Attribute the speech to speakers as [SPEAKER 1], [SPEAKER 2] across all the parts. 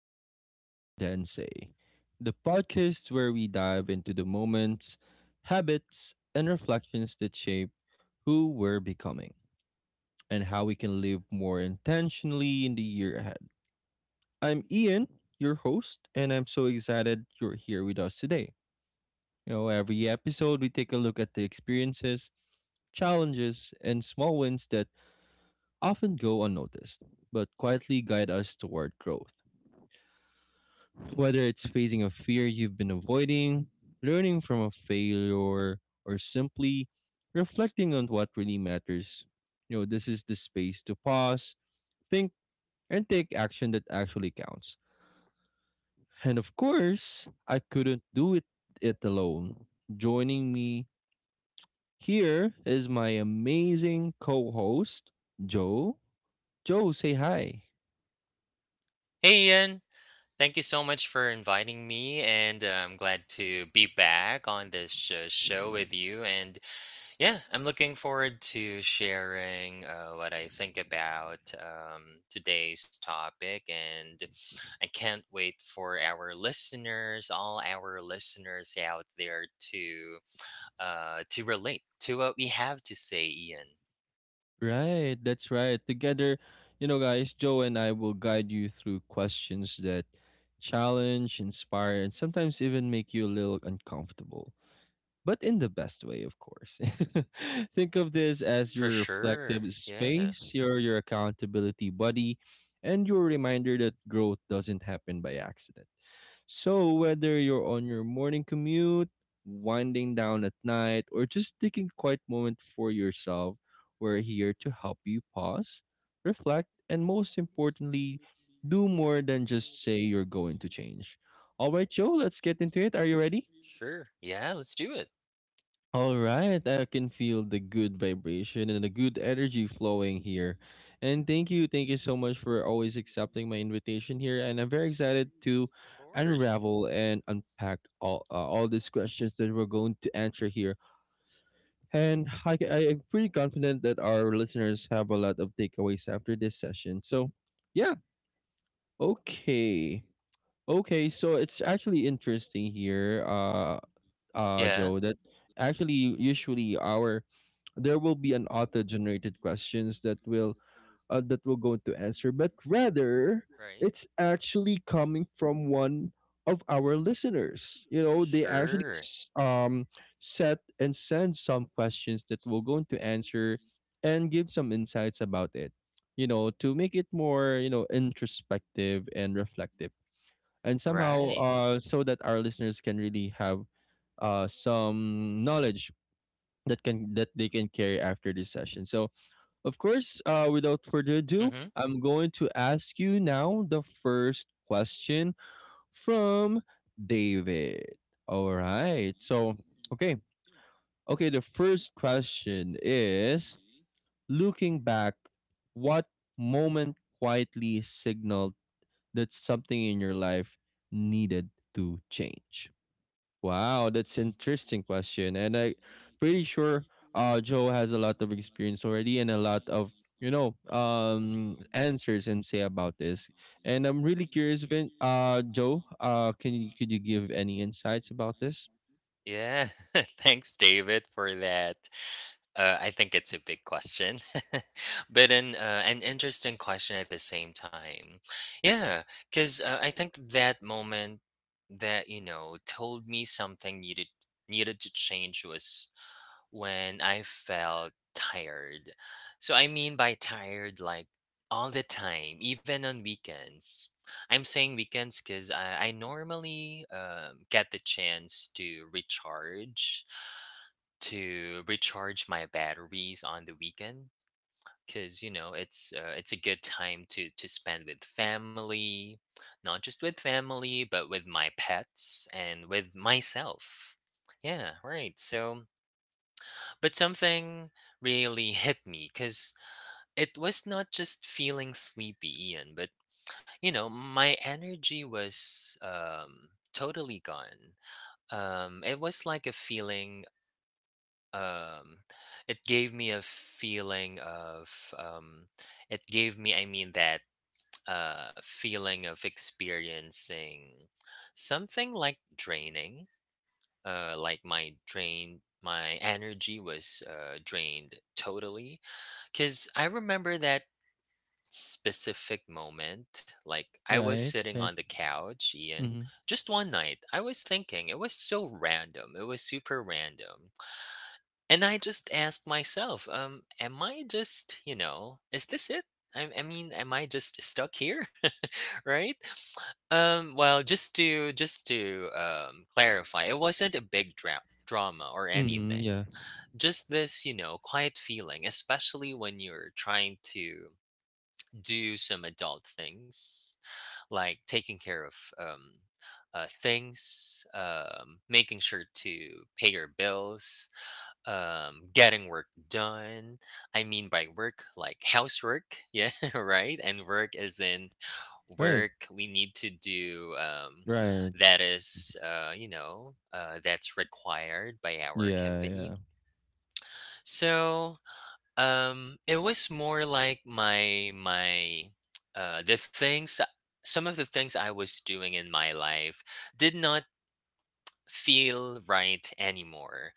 [SPEAKER 1] Do More Than Say, the podcast where we dive into the moments, habits, and reflections that shape who we're becoming and how we can live more intentionally in the year ahead. I'm Ian, your host, and I'm so excited you're here with us today. Every episode we take a look at the experiences, challenges, and small wins that often go unnoticed, but quietly guide us toward growth. Whether it's facing a fear you've been avoiding, learning from a failure, or simply reflecting on what really matters. This is the space to pause, think, and take action that actually counts. And of course, I couldn't do it alone. Joining me here is my amazing co host, Joe. Joe, say hi.
[SPEAKER 2] Hey Ian, thank you so much for inviting me, and I'm glad to be back on this show with you. And yeah, I'm looking forward to sharing what I think about today's topic, and I can't wait for our listeners, all our listeners out there, to to relate to what we have to say, Ian.
[SPEAKER 1] Right, that's right. Together, guys, Joe and I will guide you through questions that challenge, inspire, and sometimes even make you a little uncomfortable, but in the best way, of course. Think of this as
[SPEAKER 2] For
[SPEAKER 1] your reflective
[SPEAKER 2] sure. Yeah.
[SPEAKER 1] space, your accountability buddy, and your reminder that growth doesn't happen by accident. So, whether you're on your morning commute, winding down at night, or just taking a quiet moment for yourself, we're here to help you pause, reflect, and most importantly, do more than just say you're going to change. All right, Joe, let's get into it. Are you ready?
[SPEAKER 2] Sure. Yeah. Let's do it.
[SPEAKER 1] All right, I can feel the good vibration and the good energy flowing here. And thank you so much for always accepting my invitation here. And I'm very excited to
[SPEAKER 2] Of course.
[SPEAKER 1] unravel and unpack all these questions that we're going to answer here. And I am pretty confident that our listeners have a lot of takeaways after this session. So, yeah, okay, okay. So it's actually interesting here,
[SPEAKER 2] Yeah.
[SPEAKER 1] Joe, that actually usually our there will be an auto-generated questions that will that will go to answer, but rather
[SPEAKER 2] Right.
[SPEAKER 1] it's actually coming from one of our listeners. They actually
[SPEAKER 2] Sure.
[SPEAKER 1] set and send some questions that will go into answer and give some insights about it. To make it more introspective and reflective, and somehow
[SPEAKER 2] Right.
[SPEAKER 1] so that our listeners can really have some knowledge that they can carry after this session. So, of course, without further ado,
[SPEAKER 2] Mhm.
[SPEAKER 1] I'm going to ask you now the first question from David. All right. So, okay, okay. The first question is: Looking back, what moment quietly signaled that something in your life needed to change? Wow, that's an interesting question. And I pretty sure Joe has a lot of experience already and a lot of answers and say about this. And I'm really curious Vin Joe, can you could you give any insights about this?
[SPEAKER 2] Yeah. Thanks, David, for that. I think it's a big question, but an interesting question at the same time. Yeah, because I think that moment that you know told me something needed to change was when I felt tired. So I mean by tired, like all the time, even on weekends. I'm saying weekends because I normally get the chance to recharge my batteries on the weekend. Because you know it's a good time to spend with family, not just with family, but with my pets and with myself. Yeah, right. So but something really hit me because it was not just feeling sleepy, Ian, but you know, my energy was totally gone. It was like a feeling. Um, it gave me a feeling of. It gave me, I mean, that feeling of experiencing something like draining. Like my energy was drained totally. Because I remember that specific moment. Like, I was
[SPEAKER 1] Right,
[SPEAKER 2] sitting on
[SPEAKER 1] right.
[SPEAKER 2] the couch, Ian,
[SPEAKER 1] Mm-hmm.
[SPEAKER 2] just one night. I was thinking, it was so random. It was super random. And I just asked myself, am I just, you know, is this it? I mean, am I just stuck here? Right? Well, just to clarify, it wasn't a big drama or
[SPEAKER 1] Mm-hmm,
[SPEAKER 2] anything.
[SPEAKER 1] yeah.
[SPEAKER 2] Just this, you know, quiet feeling, especially when you're trying to do some adult things like taking care of things, making sure to pay your bills, getting work done. I mean by work, like housework, yeah, right? And work is in
[SPEAKER 1] Right,
[SPEAKER 2] work we need to do
[SPEAKER 1] right.
[SPEAKER 2] that is, you know, that's required by our
[SPEAKER 1] Yeah,
[SPEAKER 2] company.
[SPEAKER 1] yeah.
[SPEAKER 2] So, it was more like my the things some of the things I was doing in my life did not feel right anymore.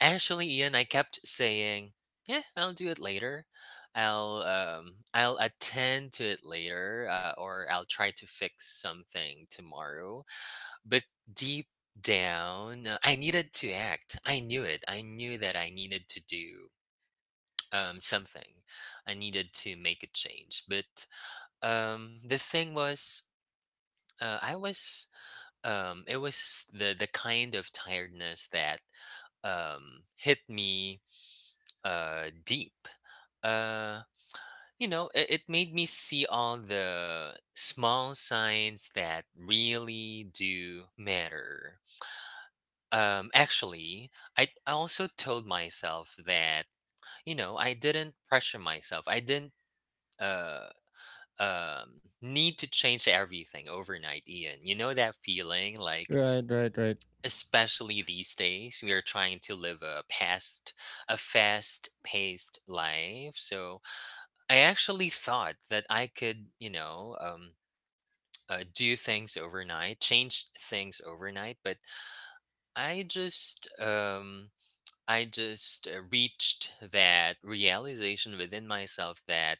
[SPEAKER 2] Actually, Ian, I kept saying, "Yeah, I'll do it later. I'll attend to it later, or I'll try to fix something tomorrow." But deep down, I needed to act. I knew it. I knew that I needed to do something. I needed to make a change. But the thing was, uh, I was, it was the kind of tiredness that hit me deep. Uh, you know, it made me see all the small signs that really do matter. Actually, I also told myself that, you know, I didn't pressure myself. I didn't. Uh, Need to change everything overnight, Ian, you know that feeling like,
[SPEAKER 1] Right, right, right.
[SPEAKER 2] especially these days we are trying to live a fast paced life. So I actually thought that I could, you know, do things overnight, change things overnight, but i just um I just reached that realization within myself that,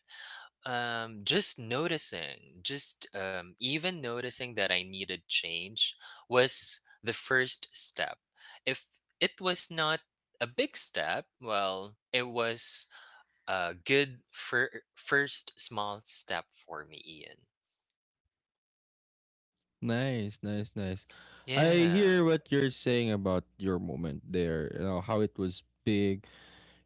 [SPEAKER 2] Just noticing, just even noticing that I needed change was the first step. If it was not a big step, well, it was a good first small step for me, Ian.
[SPEAKER 1] Nice, nice, nice. I
[SPEAKER 2] Yeah.
[SPEAKER 1] hear what you're saying about your moment there, how it was big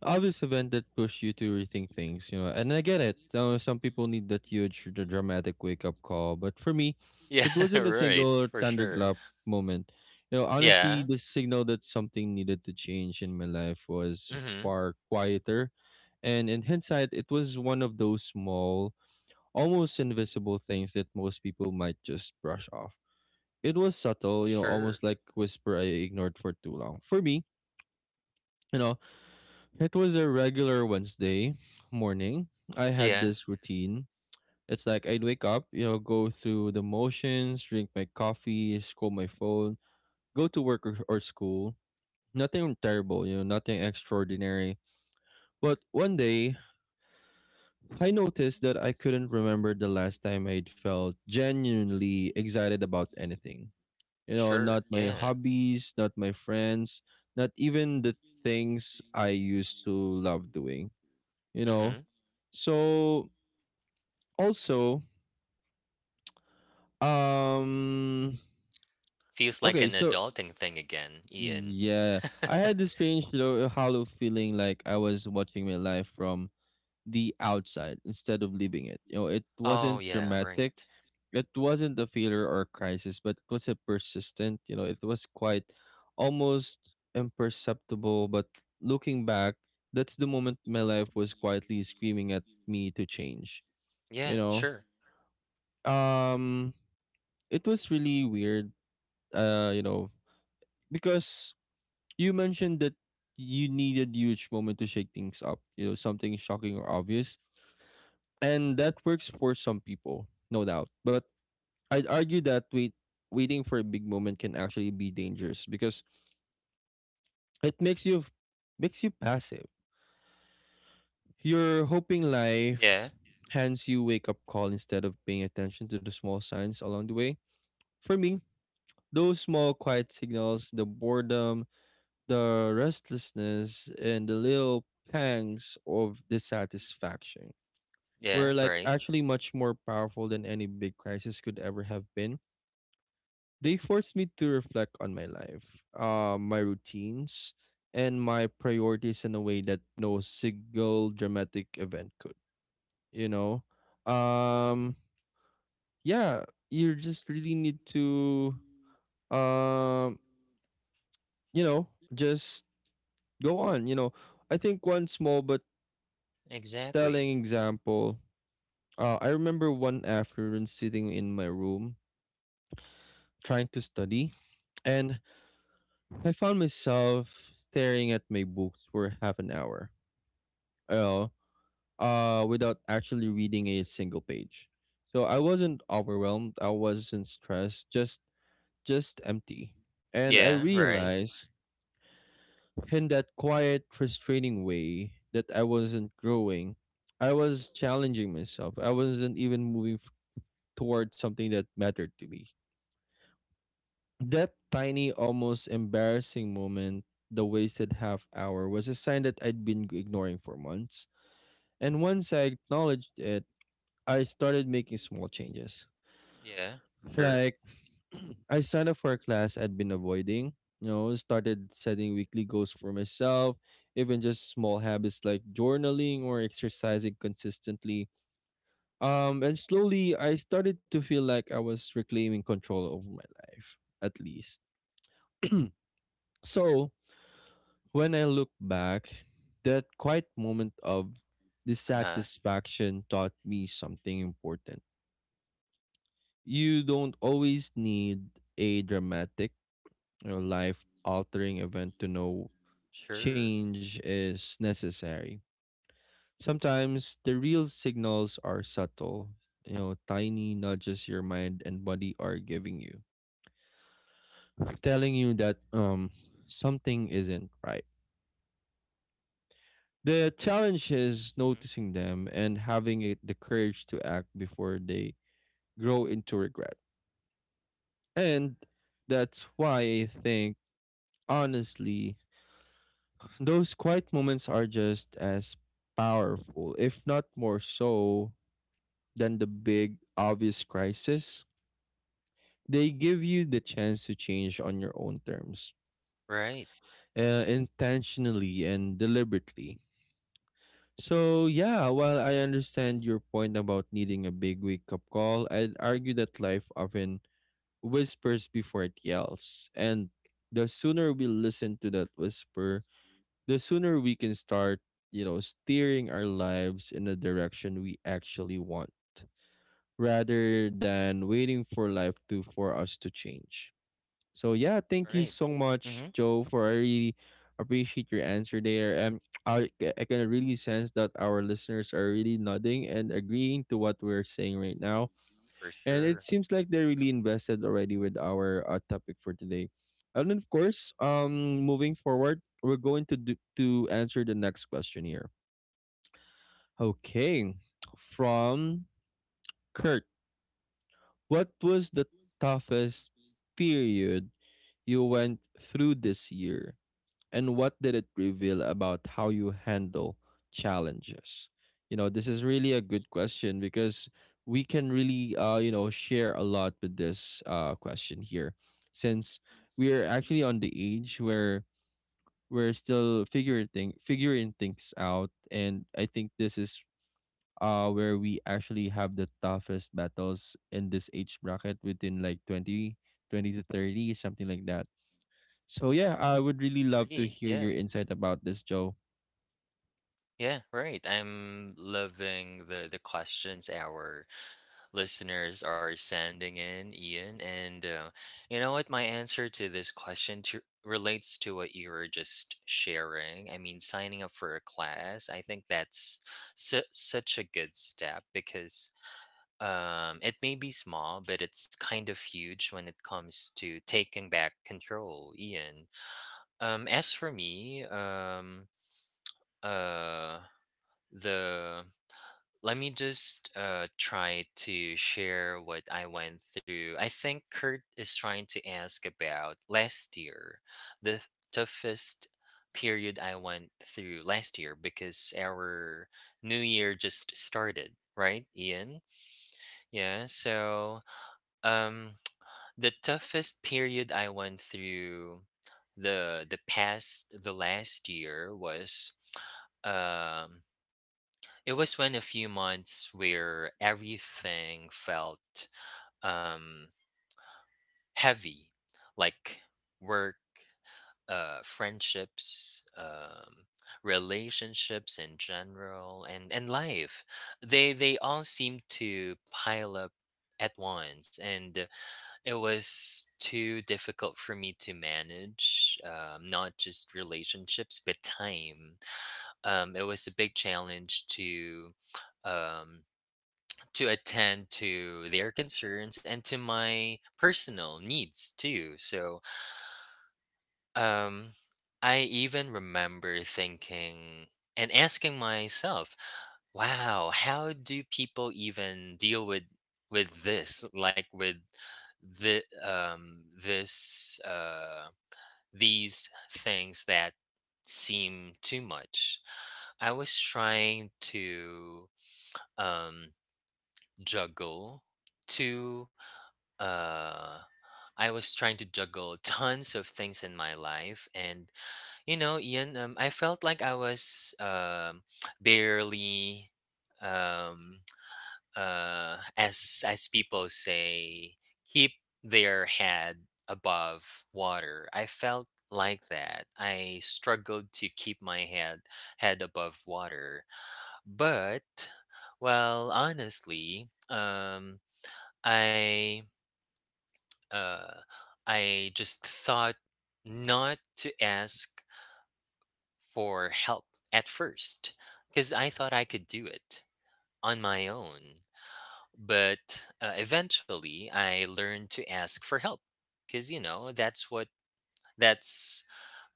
[SPEAKER 1] obvious event that pushed you to rethink things, and I get it. Some people need the dramatic wake up call, but for me,
[SPEAKER 2] Yeah,
[SPEAKER 1] it wasn't a
[SPEAKER 2] right.
[SPEAKER 1] single
[SPEAKER 2] For sure.
[SPEAKER 1] thunderclap moment. Honestly,
[SPEAKER 2] Yeah.
[SPEAKER 1] the signal that something needed to change in my life was
[SPEAKER 2] hmm
[SPEAKER 1] far quieter. And in hindsight, it was one of those small, almost invisible things that most people might just brush off. It was subtle, you know,
[SPEAKER 2] Sure.
[SPEAKER 1] almost like whisper I ignored for too long. For me, you know, it was a regular Wednesday morning. I had
[SPEAKER 2] Yeah.
[SPEAKER 1] this routine. It's like I'd wake up, go through the motions, drink my coffee, scroll my phone, go to work or school. Nothing terrible, nothing extraordinary. But one day, I noticed that I couldn't remember the last time I'd felt genuinely excited about anything. You know,
[SPEAKER 2] Sure.
[SPEAKER 1] not my
[SPEAKER 2] Yeah.
[SPEAKER 1] hobbies, not my friends, not even the things I used to love doing you know
[SPEAKER 2] hmm
[SPEAKER 1] so also um
[SPEAKER 2] Feels like
[SPEAKER 1] okay,
[SPEAKER 2] an
[SPEAKER 1] so
[SPEAKER 2] adulting thing again, Ian.
[SPEAKER 1] yeah, I had this strange hollow feeling like I was watching my life from the outside instead of living it. It
[SPEAKER 2] Oh,
[SPEAKER 1] wasn't
[SPEAKER 2] yeah, right.
[SPEAKER 1] dramatic, it wasn't a failure or a crisis, but it was a persistent. It was quite almost imperceptible, but looking back, that's the moment my life was quietly screaming at me to change you
[SPEAKER 2] Yeah,
[SPEAKER 1] know
[SPEAKER 2] sure.
[SPEAKER 1] um It was really weird, uh, you know, because you mentioned that you needed huge moment to shake things up, something shocking or obvious, and that works for some people, no doubt. But I'd argue that waiting for a big moment can actually be dangerous because it makes you passive. You're hoping life
[SPEAKER 2] Yeah.
[SPEAKER 1] hands you wake up call instead of paying attention to the small signs along the way. For me, those small quiet signals, the boredom, the restlessness, and the little pangs of dissatisfaction were
[SPEAKER 2] Yeah,
[SPEAKER 1] like
[SPEAKER 2] right.
[SPEAKER 1] actually much more powerful than any big crisis could ever have been. They forced me to reflect on my life, my routines, and my priorities in a way that no single dramatic event could. You know, um, yeah, you just really need to, um, you know, just go on. I think one small but
[SPEAKER 2] Exactly.
[SPEAKER 1] telling example, I remember one afternoon sitting in my room trying to study, and I found myself staring at my books for half an hour, uh, without actually reading a single page. So I wasn't overwhelmed, I wasn't stressed, just empty. And I
[SPEAKER 2] Yeah, right.
[SPEAKER 1] realized in that quiet, frustrating way that I wasn't growing. I was challenging myself. I wasn't even moving towards something that mattered to me. That tiny, almost embarrassing moment, the wasted half hour, was a sign that I'd been ignoring for months. And once I acknowledged it, I started making small changes.
[SPEAKER 2] Yeah, sure.
[SPEAKER 1] Like, I signed up for a class I'd been avoiding, started setting weekly goals for myself, even just small habits like journaling or exercising consistently. And slowly I started to feel like I was reclaiming control over my life, at least. so, When I look back, that quiet moment of
[SPEAKER 2] Uh-huh.
[SPEAKER 1] dissatisfaction taught me something important. You don't always need a dramatic or life altering event to know
[SPEAKER 2] Sure.
[SPEAKER 1] change is necessary. Sometimes the real signals are subtle, tiny nudges your mind and body are giving you, telling you that something isn't right. The challenge is noticing them and having it the courage to act before they grow into regret. And that's why I think, honestly, those quiet moments are just as powerful, if not more so, than the big, obvious crisis. They give you the chance to change on your own terms,
[SPEAKER 2] Right.
[SPEAKER 1] intentionally and deliberately. So yeah, while I understand your point about needing a big wake up call, I'd argue that life often whispers before it yells. And the sooner we listen to that whisper, the sooner we can start, steering our lives in the direction we actually want, rather than waiting for life to for us to change. So yeah, thank you
[SPEAKER 2] Right.
[SPEAKER 1] so much,
[SPEAKER 2] Mm-hmm.
[SPEAKER 1] Joe, for I really appreciate your answer there. And I can really sense that our listeners are really nodding and agreeing to what we're saying right now.
[SPEAKER 2] For
[SPEAKER 1] And it
[SPEAKER 2] sure.
[SPEAKER 1] seems like they're really invested already with our topic for today. And then of course, moving forward, we're going to to answer the next question here. Okay, from Kurt, what was the toughest period you went through this year? And what did it reveal about how you handle challenges? This is really a good question because we can really, share a lot with this question here, since we are actually on the age where we're still figuring things out, and I think this is where we actually have the toughest battles in this age bracket within like twenty to 30 something like that, so yeah, I would really love to
[SPEAKER 2] Agree.
[SPEAKER 1] hear
[SPEAKER 2] Yeah.
[SPEAKER 1] your insight about this, Joe.
[SPEAKER 2] Yeah, right. I'm loving the questions our listeners are sending in, Ian. And you know what? My answer to this question relates to what you were just sharing. I mean, signing up for a class. I think that's such a good step because, it may be small, but it's kind of huge when it comes to taking back control, Ian. As for me, uh, the let me just try to share what I went through. I think Kurt is trying to ask about last year, the toughest period I went through last year, because our new year just started, right, Ian? Yeah, so um the toughest period I went through the last year was, um it was when a few months where everything felt um heavy, like work, friendships, relationships in general, and life. They all seemed to pile up at once, and it was too difficult for me to manage, not just relationships, but time. It was a big challenge um, to attend to their concerns and to my personal needs too. So um, I even remember thinking and asking myself, "Wow, how do people even deal with this? Like with the um this uh these things that seem too much." I was trying to um juggle two uh I was trying to juggle tons of things in my life. And you know, Ian, I felt like I was barely, um, as people say, keep their head above water. I felt like that. I struggled to keep my head above water, but well, honestly, I uh, I just thought not to ask for help at first because I thought I could do it on my own. But eventually, I learned to ask for help because, you know, that's what that's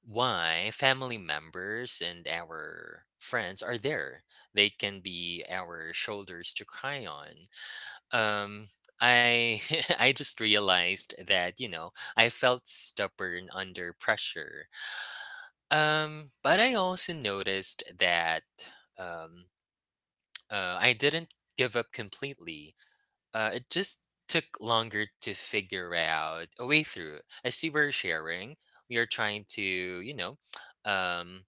[SPEAKER 2] why family members and our friends are there. They can be our shoulders to cry on. Um, I I just realized that, you know, I felt stubborn under pressure, but I also noticed that um, I didn't give up completely. It just took longer to figure out a way through. As you were sharing, we are trying to, you know, um,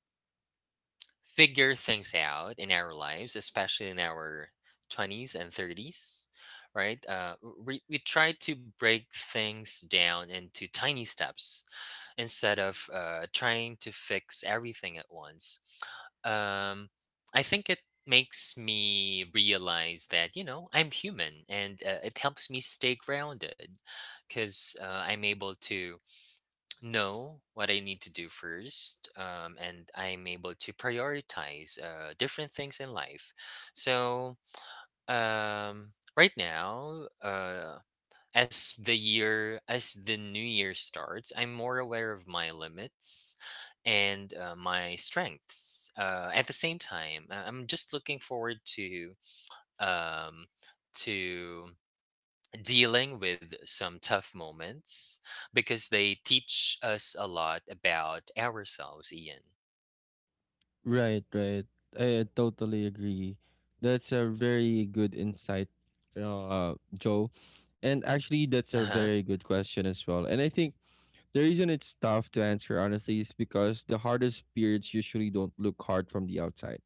[SPEAKER 2] figure things out in our lives, especially in our 20s and 30s, right? We try to break things down into tiny steps instead of trying to fix everything at once. Um, I think it makes me realize that, you know, I'm human, and it helps me stay grounded because I'm able to know what I need to do first, and I'm able to prioritize different things in life. So, right now, as the new year starts, I'm more aware of my limits and my strengths at the same time. I'm just looking forward to um, to dealing with some tough moments because they teach us a lot about ourselves, Ian.
[SPEAKER 1] Right, right. I totally agree. That's a very good insight, Joe. And actually, that's a
[SPEAKER 2] uh-huh
[SPEAKER 1] very good question as well. And I think the reason it's tough to answer, honestly, is because the hardest periods usually don't look hard from the outside.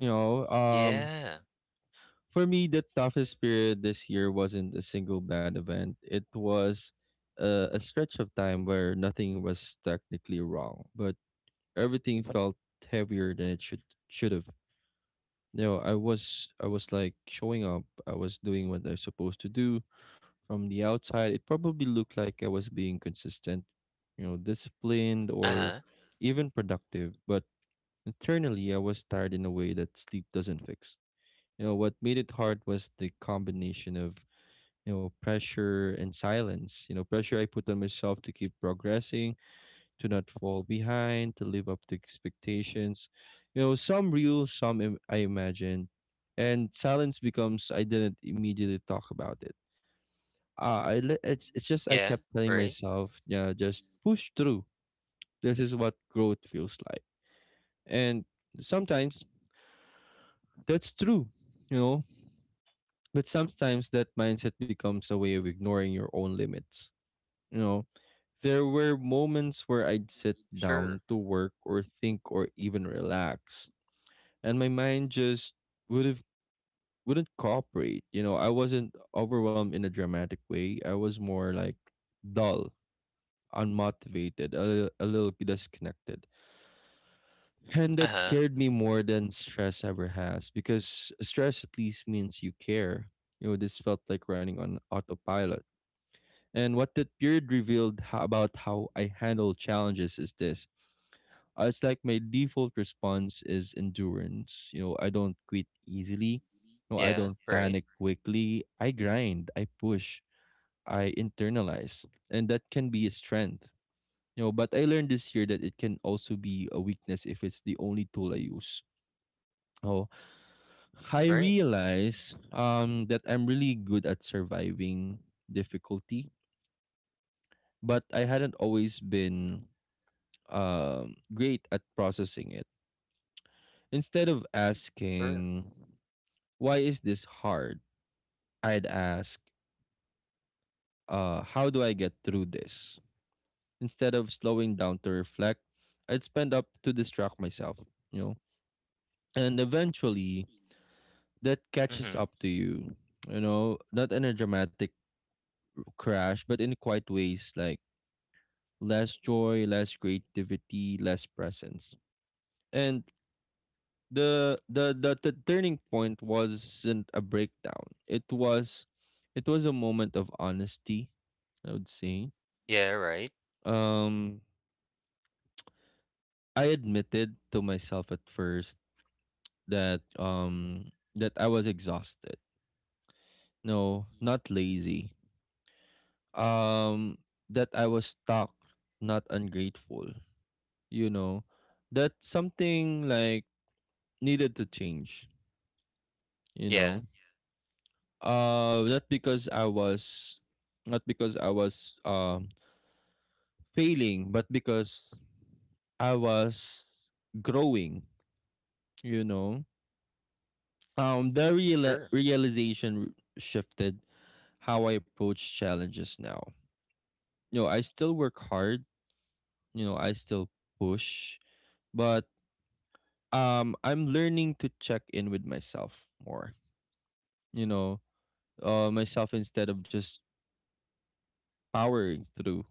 [SPEAKER 1] You know, um,
[SPEAKER 2] yeah.
[SPEAKER 1] for me, the toughest period this year wasn't a single bad event. It was a stretch of time where nothing was technically wrong, but everything felt heavier than it should have. I was like showing up. I was doing what I was supposed to do. From the outside, it probably looked like I was being consistent, disciplined or
[SPEAKER 2] uh-huh
[SPEAKER 1] even productive. But internally, I was tired in a way that sleep doesn't fix. You know, what made it hard was the combination of pressure and silence. You know, pressure I put on myself to keep progressing to not fall behind, to live up to expectations. You know, some real, some I imagine. And silence becomes I didn't immediately talk about it. I le- it's just I
[SPEAKER 2] yeah,
[SPEAKER 1] kept telling
[SPEAKER 2] right.
[SPEAKER 1] myself, yeah, just push through. This is what growth feels like. And sometimes that's true, you know. But sometimes that mindset becomes a way of ignoring your own limits. You know, there were moments where I'd sit down
[SPEAKER 2] Sure.
[SPEAKER 1] to work or think or even relax and my mind just would have wouldn't cooperate. You know, I wasn't overwhelmed in a dramatic way. I was more like dull, unmotivated, a little disconnected. And that
[SPEAKER 2] Uh-huh.
[SPEAKER 1] scared me more than stress ever has because stress at least means you care. You know, this felt like running on autopilot. And what that period revealed about how I handle challenges is this. It's like my default response is endurance. You know, I don't quit easily. No, I
[SPEAKER 2] Yeah,
[SPEAKER 1] don't
[SPEAKER 2] right.
[SPEAKER 1] panic quickly. I grind, I push, I internalize. And that can be a strength. You know, but I learned this year that it can also be a weakness if it's the only tool I use. Oh, I
[SPEAKER 2] Right.
[SPEAKER 1] realize that I'm really good at surviving difficulty, but I hadn't always been great at processing it. Instead of
[SPEAKER 2] Sure.
[SPEAKER 1] asking, "Why is this hard?" I'd ask, "How do I get through this?" Instead of slowing down to reflect, I'd spend up to distract myself, you know. And eventually, that catches
[SPEAKER 2] Mm-hmm.
[SPEAKER 1] up to you, you know, not in a dramatic crash, but in quiet ways like less joy, less creativity, less presence. And the turning point wasn't a breakdown. It was a moment of honesty, I would say.
[SPEAKER 2] Yeah, right.
[SPEAKER 1] Um, I admitted to myself at first that that I was exhausted. No, not lazy. Um, that I was stuck, not ungrateful. You know, that something like needed to change. You
[SPEAKER 2] Yeah.
[SPEAKER 1] know, not because I was, not because I was failing, but because I was growing. You know, the reala
[SPEAKER 2] Sure,
[SPEAKER 1] realization shifted how I approach challenges now. You know, I still work hard. You know, I still push, but I'm learning to check in with myself more. You know, myself instead of just powering through.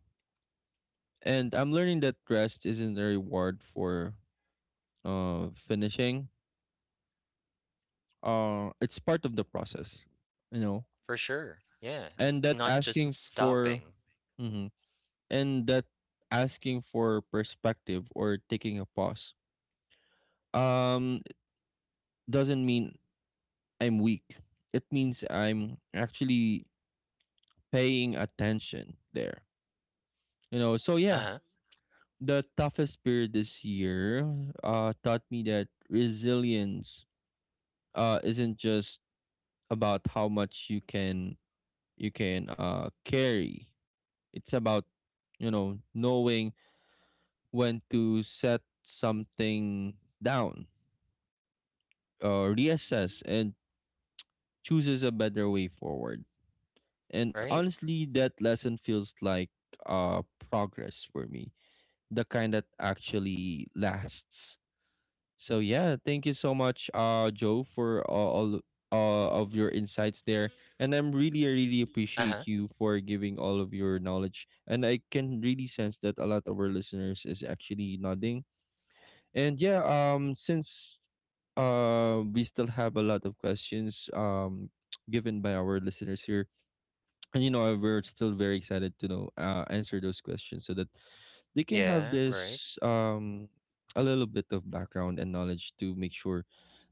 [SPEAKER 1] And I'm learning that rest isn't a reward for finishing. It's part of the process. You know,
[SPEAKER 2] for sure. Yeah,
[SPEAKER 1] and
[SPEAKER 2] it's
[SPEAKER 1] that
[SPEAKER 2] not just
[SPEAKER 1] asking for
[SPEAKER 2] stopping.
[SPEAKER 1] Mhm. And that asking for perspective or taking a pause um doesn't mean I'm weak. It means I'm actually paying attention there. You know, so yeah,
[SPEAKER 2] Uh-huh.
[SPEAKER 1] the toughest period this year taught me that resilience isn't just about how much you can you can carry. It's about, you know, knowing when to set something down, reassess and chooses a better way forward. And
[SPEAKER 2] Right.
[SPEAKER 1] honestly, that lesson feels like uh, progress for me, the kind that actually lasts. So yeah, thank you so much, Joe, for all of your insights there, and I'm really, I really
[SPEAKER 2] Uh-huh.
[SPEAKER 1] appreciate you for giving all of your knowledge. And I can really sense that a lot of our listeners is actually nodding. And yeah, since we still have a lot of questions given by our listeners here, and we're still very excited to know answer those questions so that they can have
[SPEAKER 2] Yeah, right.
[SPEAKER 1] this a little bit of background and knowledge to make sure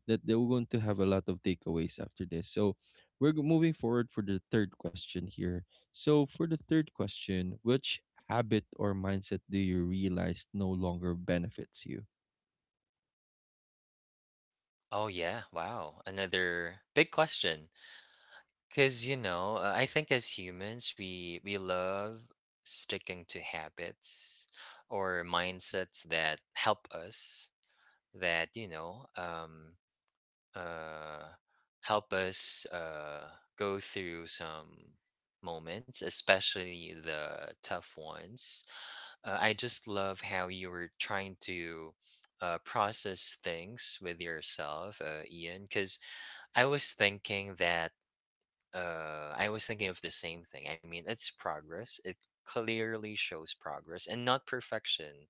[SPEAKER 1] that they're going to have a lot of takeaways after this. So moving forward for the third question here. So for the third question, which habit or mindset do you realize no longer benefits you?
[SPEAKER 2] Oh yeah, wow. Another big question. 'Cause you know, I think as humans we love sticking to habits or mindsets that help us that, you know, uh, help us go through some moments, especially the tough ones. I just love how you were trying to process things with yourself, Ian, because I was thinking that I was thinking of the same thing. I mean, it's progress. It clearly shows progress and not perfection,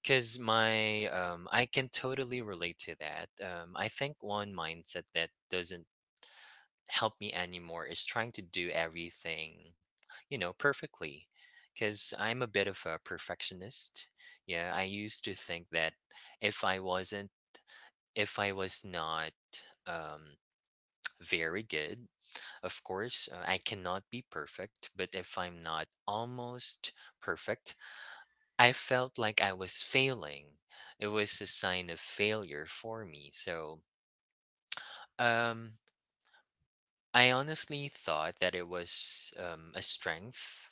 [SPEAKER 2] because I can totally relate to that. I think one mindset that doesn't help me anymore is trying to do everything, you know, perfectly. Because I'm a bit of a perfectionist. Yeah, I used to think that if I wasn't, if I was not um, very good, of course, I cannot be perfect. But if I'm not almost perfect, I felt like I was failing. It was a sign of failure for me. So, um, I honestly thought that it was a strength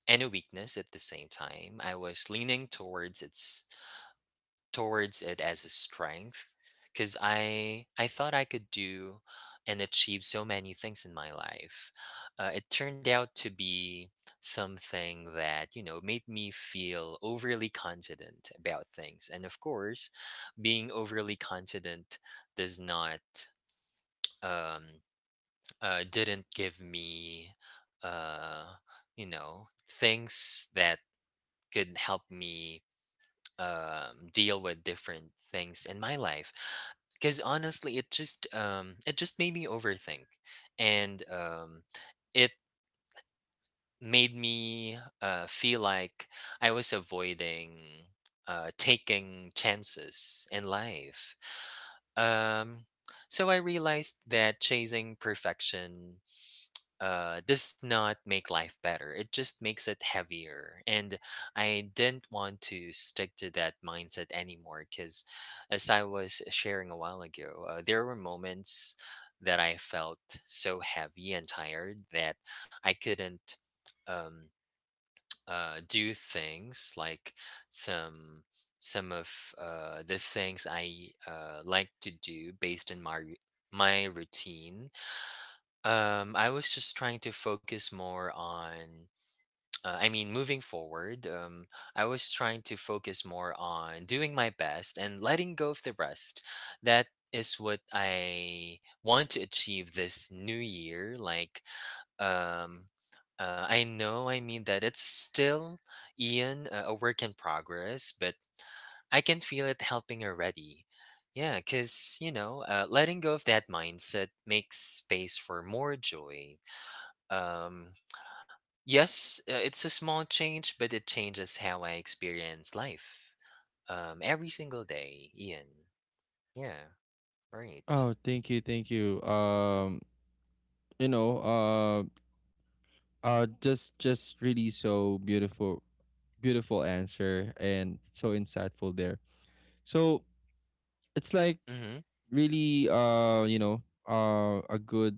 [SPEAKER 2] and a weakness at the same time. I was leaning towards it as a strength because I thought I could do and achieve so many things in my life. It turned out to be something that, you know, made me feel overly confident about things, and of course, being overly confident does not um didn't give me uh you know things that could help me deal with different things in my life, because honestly it just made me overthink and it made me feel like I was avoiding taking chances in life. um so I realized that chasing perfection does not make life better. It just makes it heavier. And I didn't want to stick to that mindset anymore because, as I was sharing a while ago, there were moments that I felt so heavy and tired that I couldn't um, do things like some. some of the things I like to do based on my routine. I was just trying to focus more on, I mean, moving forward. I was trying to focus more on doing my best and letting go of the rest. That is what I want to achieve this new year. Like, um, I know, I mean, that it's still, Ian, a work in progress, but I can feel it helping already. Yeah, because, letting go of that mindset makes space for more joy. um, yes, it's a small change, but it changes how I experience life. Every single day, Ian. Yeah, right.
[SPEAKER 1] Oh, thank you, thank you. You know just really so beautiful answer and so insightful there, so it's like
[SPEAKER 2] Mm-hmm.
[SPEAKER 1] really you know, a good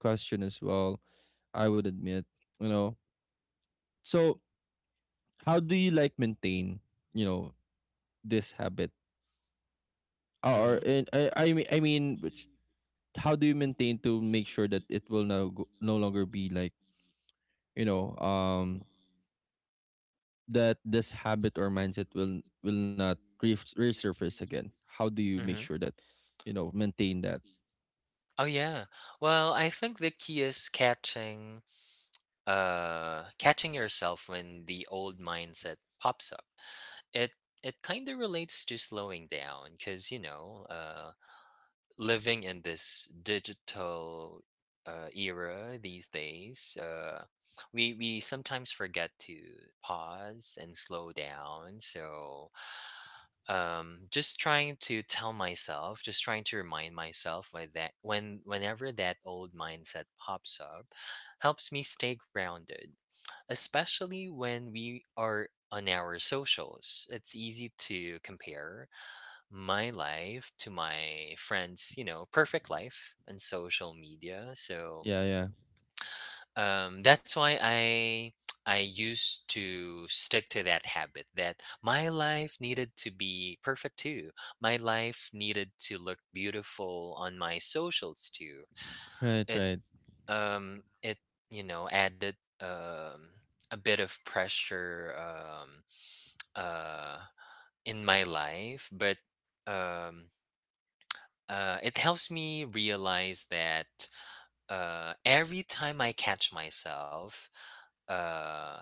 [SPEAKER 1] question as well, I would admit, you know. So how do you like maintain, you know, this habit or
[SPEAKER 2] Mm-hmm.
[SPEAKER 1] and I mean, which how do you maintain to make sure that it will no longer be like, you know, that this habit or mindset will not resurface again? How do you make
[SPEAKER 2] Hmm.
[SPEAKER 1] sure that you know maintain that?
[SPEAKER 2] Oh yeah. Well, I think the key is catching, catching yourself when the old mindset pops up. It it kind of relates to slowing down, because living in this digital era these days, we sometimes forget to pause and slow down. So, just trying to tell myself, just trying to remind myself whenever that old mindset pops up, helps me stay grounded, especially when we are on our socials. It's easy to compare my life to my friends, perfect life on social media. So
[SPEAKER 1] Yeah, yeah,
[SPEAKER 2] that's why I used to stick to that habit that my life needed to be perfect too. My life needed to look beautiful on my socials too.
[SPEAKER 1] right,
[SPEAKER 2] It
[SPEAKER 1] right.
[SPEAKER 2] it added a bit of pressure uh in my life, but um it helps me realize that every time I catch myself, uh,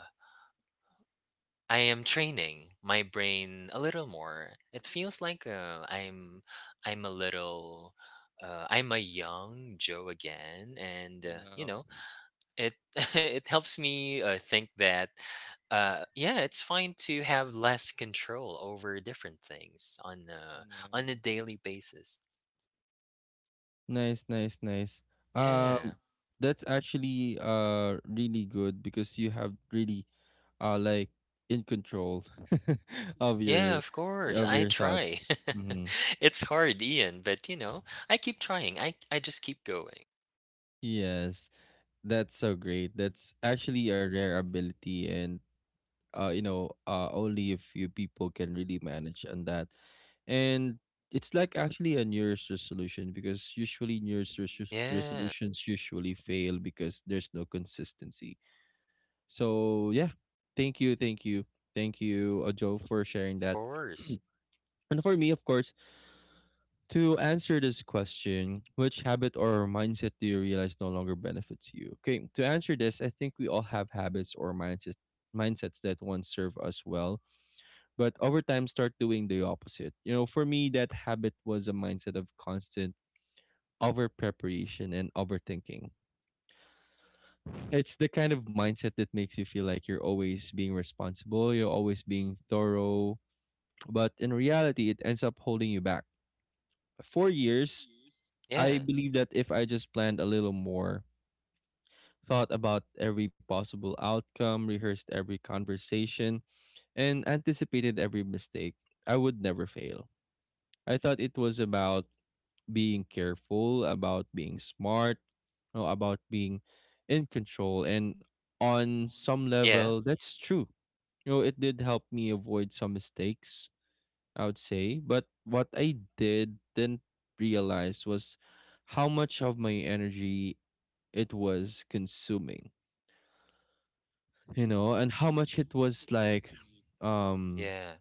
[SPEAKER 2] I am training my brain a little more. It feels like I'm a little I'm a young Joe again, and
[SPEAKER 1] Wow.
[SPEAKER 2] it it helps me think that yeah, it's fine to have less control over different things on a
[SPEAKER 1] Nice.
[SPEAKER 2] daily basis.
[SPEAKER 1] Nice, nice, nice.
[SPEAKER 2] Yeah.
[SPEAKER 1] Um, that's actually really good because you have really like in control of
[SPEAKER 2] Yeah,
[SPEAKER 1] your
[SPEAKER 2] of course.
[SPEAKER 1] of
[SPEAKER 2] I
[SPEAKER 1] your
[SPEAKER 2] try.
[SPEAKER 1] thoughts. Mm-hmm.
[SPEAKER 2] It's hard, Ian, but I keep trying. I just keep going.
[SPEAKER 1] Yes, that's so great. That's actually a rare ability, and you know, only a few people can really manage on that. And it's like actually a New Year's resolution because usually New Year's
[SPEAKER 2] Yeah, of
[SPEAKER 1] resolutions usually fail because there's no consistency. So yeah, thank you, thank you, thank you, Joe, for sharing that.
[SPEAKER 2] course.
[SPEAKER 1] And for me, of course, to answer this question, which habit or mindset do you realize no longer benefits you? Okay, to answer this, I think we all have habits or mindsets that once serve us well but over time start doing the opposite. You know, for me, that habit was a mindset of constant over preparation and overthinking. It's the kind of mindset that makes you feel like you're always being responsible, you're always being thorough, but in reality, it ends up holding you back. For years, I
[SPEAKER 2] Yeah.
[SPEAKER 1] believe that if I just planned a little more, thought about every possible outcome, rehearsed every conversation, and anticipated every mistake, I would never fail. I thought it was about being careful, about being smart, you know, about being in control. And on some
[SPEAKER 2] Yeah.
[SPEAKER 1] level, that's true. You know, it did help me avoid some mistakes, I would say. But what I did didn't realize was how much of my energy it was consuming, you know, and how much it was like, um,
[SPEAKER 2] Yeah.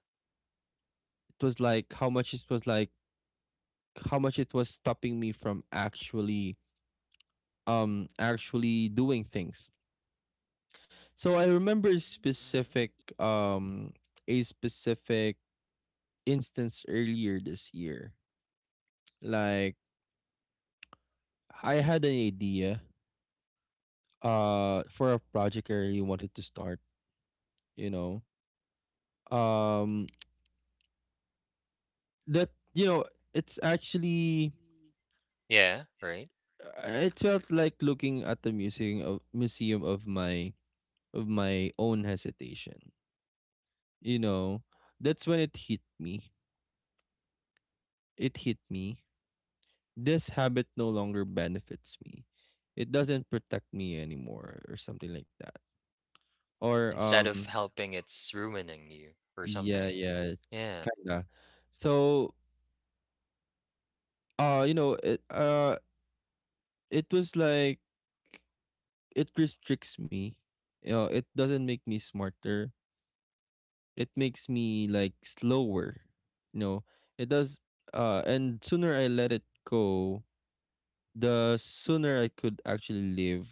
[SPEAKER 1] how much it was like how much it was stopping me from actually actually doing things. So I remember
[SPEAKER 2] Mhm.
[SPEAKER 1] specific um a specific instance earlier this year. Like I had an idea for a project I really wanted to start, you know. Um that You know, it's actually
[SPEAKER 2] Yeah, right?
[SPEAKER 1] it felt like looking at the museum of my own hesitation. You know, that's when it hit me. It hit me this habit no longer benefits me. It doesn't protect me anymore or something like that. Or
[SPEAKER 2] Instead of helping, it's ruining you or
[SPEAKER 1] yeah,
[SPEAKER 2] something.
[SPEAKER 1] yeah,
[SPEAKER 2] Yeah, of
[SPEAKER 1] kinda. So uh you know it uh it was like it restricts me. You know, it doesn't make me smarter. It makes me like slower. You know, it does and sooner I let it go, the sooner I could actually live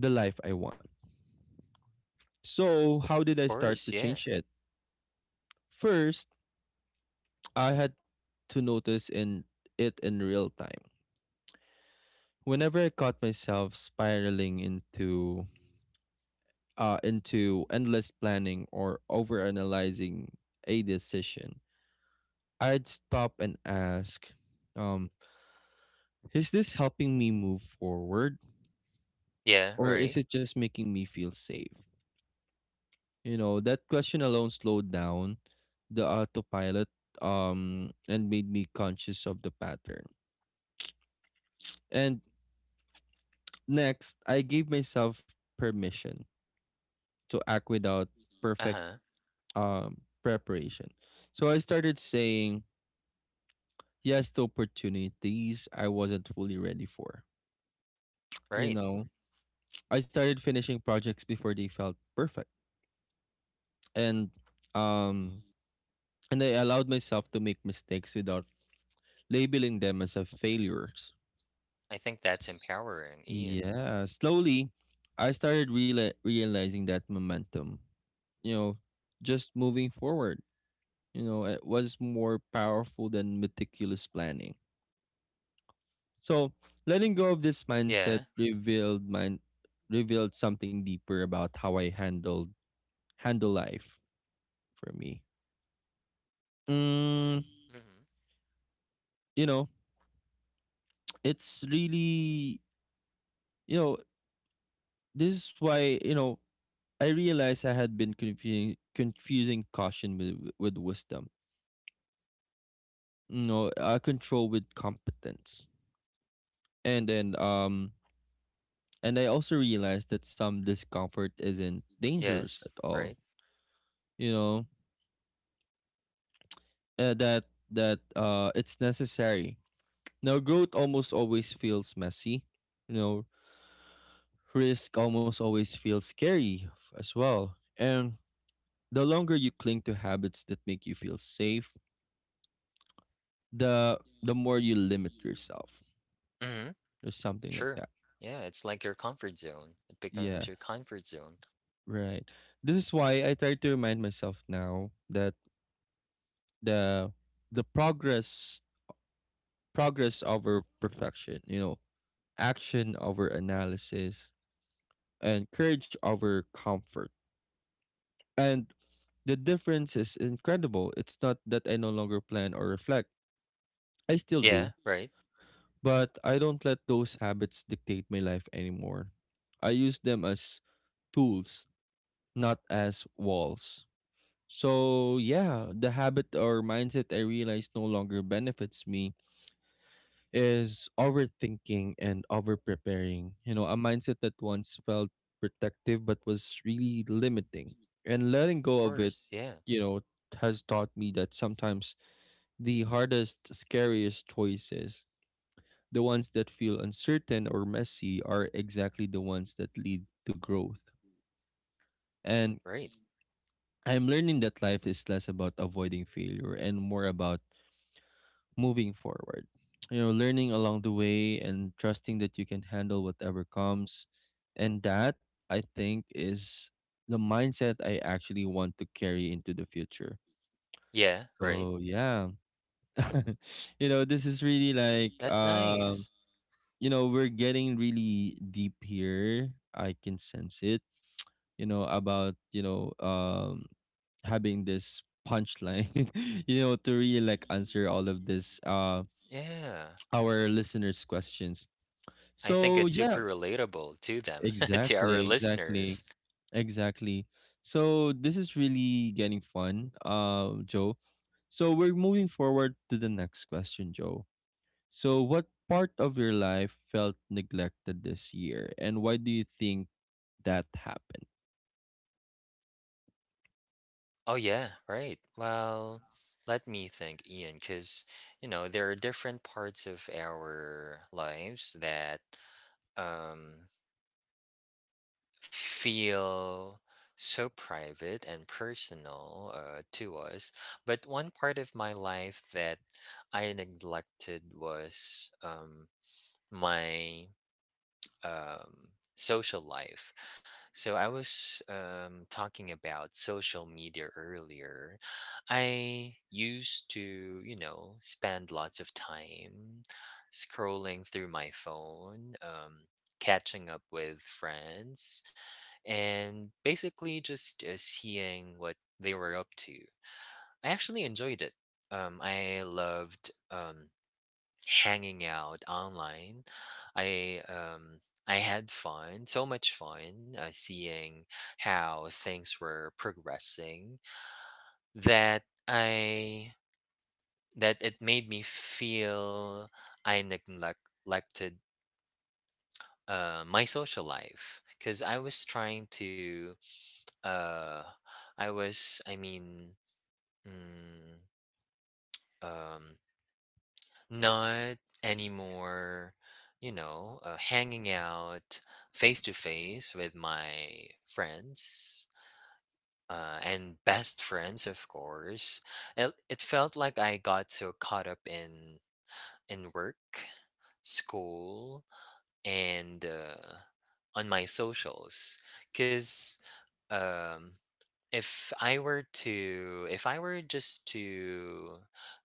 [SPEAKER 1] the life I want. So how did I start
[SPEAKER 2] course.
[SPEAKER 1] to
[SPEAKER 2] Yeah.
[SPEAKER 1] change it? First, I had to notice in it in real time. Whenever I caught myself spiraling into endless planning or overanalyzing a decision, I'd stop and ask, um, is this helping me move forward
[SPEAKER 2] Yeah,
[SPEAKER 1] or
[SPEAKER 2] right.
[SPEAKER 1] is it just making me feel safe? You know, that question alone slowed down the autopilot and made me conscious of the pattern. And next, I gave myself permission to act without perfect
[SPEAKER 2] Uh-huh.
[SPEAKER 1] preparation. So I started saying yes to opportunities I wasn't fully ready for. You
[SPEAKER 2] Right.
[SPEAKER 1] know, I started finishing projects before they felt perfect. And um and I allowed myself to make mistakes without labeling them as a failures.
[SPEAKER 2] I think that's empowering, Ian.
[SPEAKER 1] Yeah, slowly I started realizing that momentum, you know, just moving forward, you know, it was more powerful than meticulous planning. So, letting go of this mindset
[SPEAKER 2] Yeah.
[SPEAKER 1] revealed something deeper about how I handle life for me. Mm,
[SPEAKER 2] Mhm.
[SPEAKER 1] you know, it's really, you know, this is why, you know, I realized I had been confusing caution with wisdom. You know, control with competence, and then and I also realized that some discomfort isn't dangerous at
[SPEAKER 2] Yes,
[SPEAKER 1] all.
[SPEAKER 2] right.
[SPEAKER 1] You know, uh, that that it's necessary. Now, growth almost always feels messy. You know, risk almost always feels scary as well. And the longer you cling to habits that make you feel safe, the more you limit yourself
[SPEAKER 2] Mhm.
[SPEAKER 1] or something like
[SPEAKER 2] Sure.
[SPEAKER 1] that.
[SPEAKER 2] Yeah, it's like your comfort zone. It becomes
[SPEAKER 1] Yeah,
[SPEAKER 2] your comfort zone.
[SPEAKER 1] right. This is why I try to remind myself now that the the progress progress over perfection, you know, action over analysis, and courage over comfort. And the difference is incredible. It's not that I no longer plan or reflect, I still
[SPEAKER 2] Yeah,
[SPEAKER 1] do,
[SPEAKER 2] right.
[SPEAKER 1] but I don't let those habits dictate my life anymore. I use them as tools, not as walls. So, yeah, the habit or mindset I realize no longer benefits me is overthinking and overpreparing. You know, a mindset that once felt protective but was really limiting. And letting go of it,
[SPEAKER 2] Course, yeah,
[SPEAKER 1] you know, has taught me that sometimes the hardest, scariest choices, the ones that feel uncertain or messy, are exactly the ones that lead to growth. And
[SPEAKER 2] right.
[SPEAKER 1] I'm learning that life is less about avoiding failure and more about moving forward. You know, learning along the way and trusting that you can handle whatever comes. And that, I think, is the mindset I actually want to carry into the future.
[SPEAKER 2] Yeah, right.
[SPEAKER 1] So, yeah. you know, this is really like,
[SPEAKER 2] That's
[SPEAKER 1] uh,
[SPEAKER 2] nice.
[SPEAKER 1] we're getting really deep here. I can sense it, you know, about, you know, um, having this punchline, to really like answer all of this,
[SPEAKER 2] Yeah.
[SPEAKER 1] our listeners' questions.
[SPEAKER 2] I think
[SPEAKER 1] So
[SPEAKER 2] it's
[SPEAKER 1] yeah,
[SPEAKER 2] super relatable to them, to
[SPEAKER 1] exactly,
[SPEAKER 2] our listeners.
[SPEAKER 1] exactly, exactly. So this is really getting fun, Joe. So we're moving forward to the next question, Joe. So what part of your life felt neglected this year, and why do you think that happened?
[SPEAKER 2] Oh yeah, right. Well, let me think, Ian, because you know there are different parts of our lives that um, feel so private and personal to us. But one part of my life that I neglected was my um, social life. So I was talking about social media earlier. I used to, spend lots of time scrolling through my phone, catching up with friends, and basically just seeing what they were up to. I actually enjoyed it. I loved hanging out online. I um I had fun, so much fun, seeing how things were progressing that I that it made me feel I neglected my social life because uh I was, I mean, mm, um not anymore, hanging out face to face with my friends, and best friends, of course. It felt like I got so caught up in work, school, and on my socials, because. If I were to if I were just to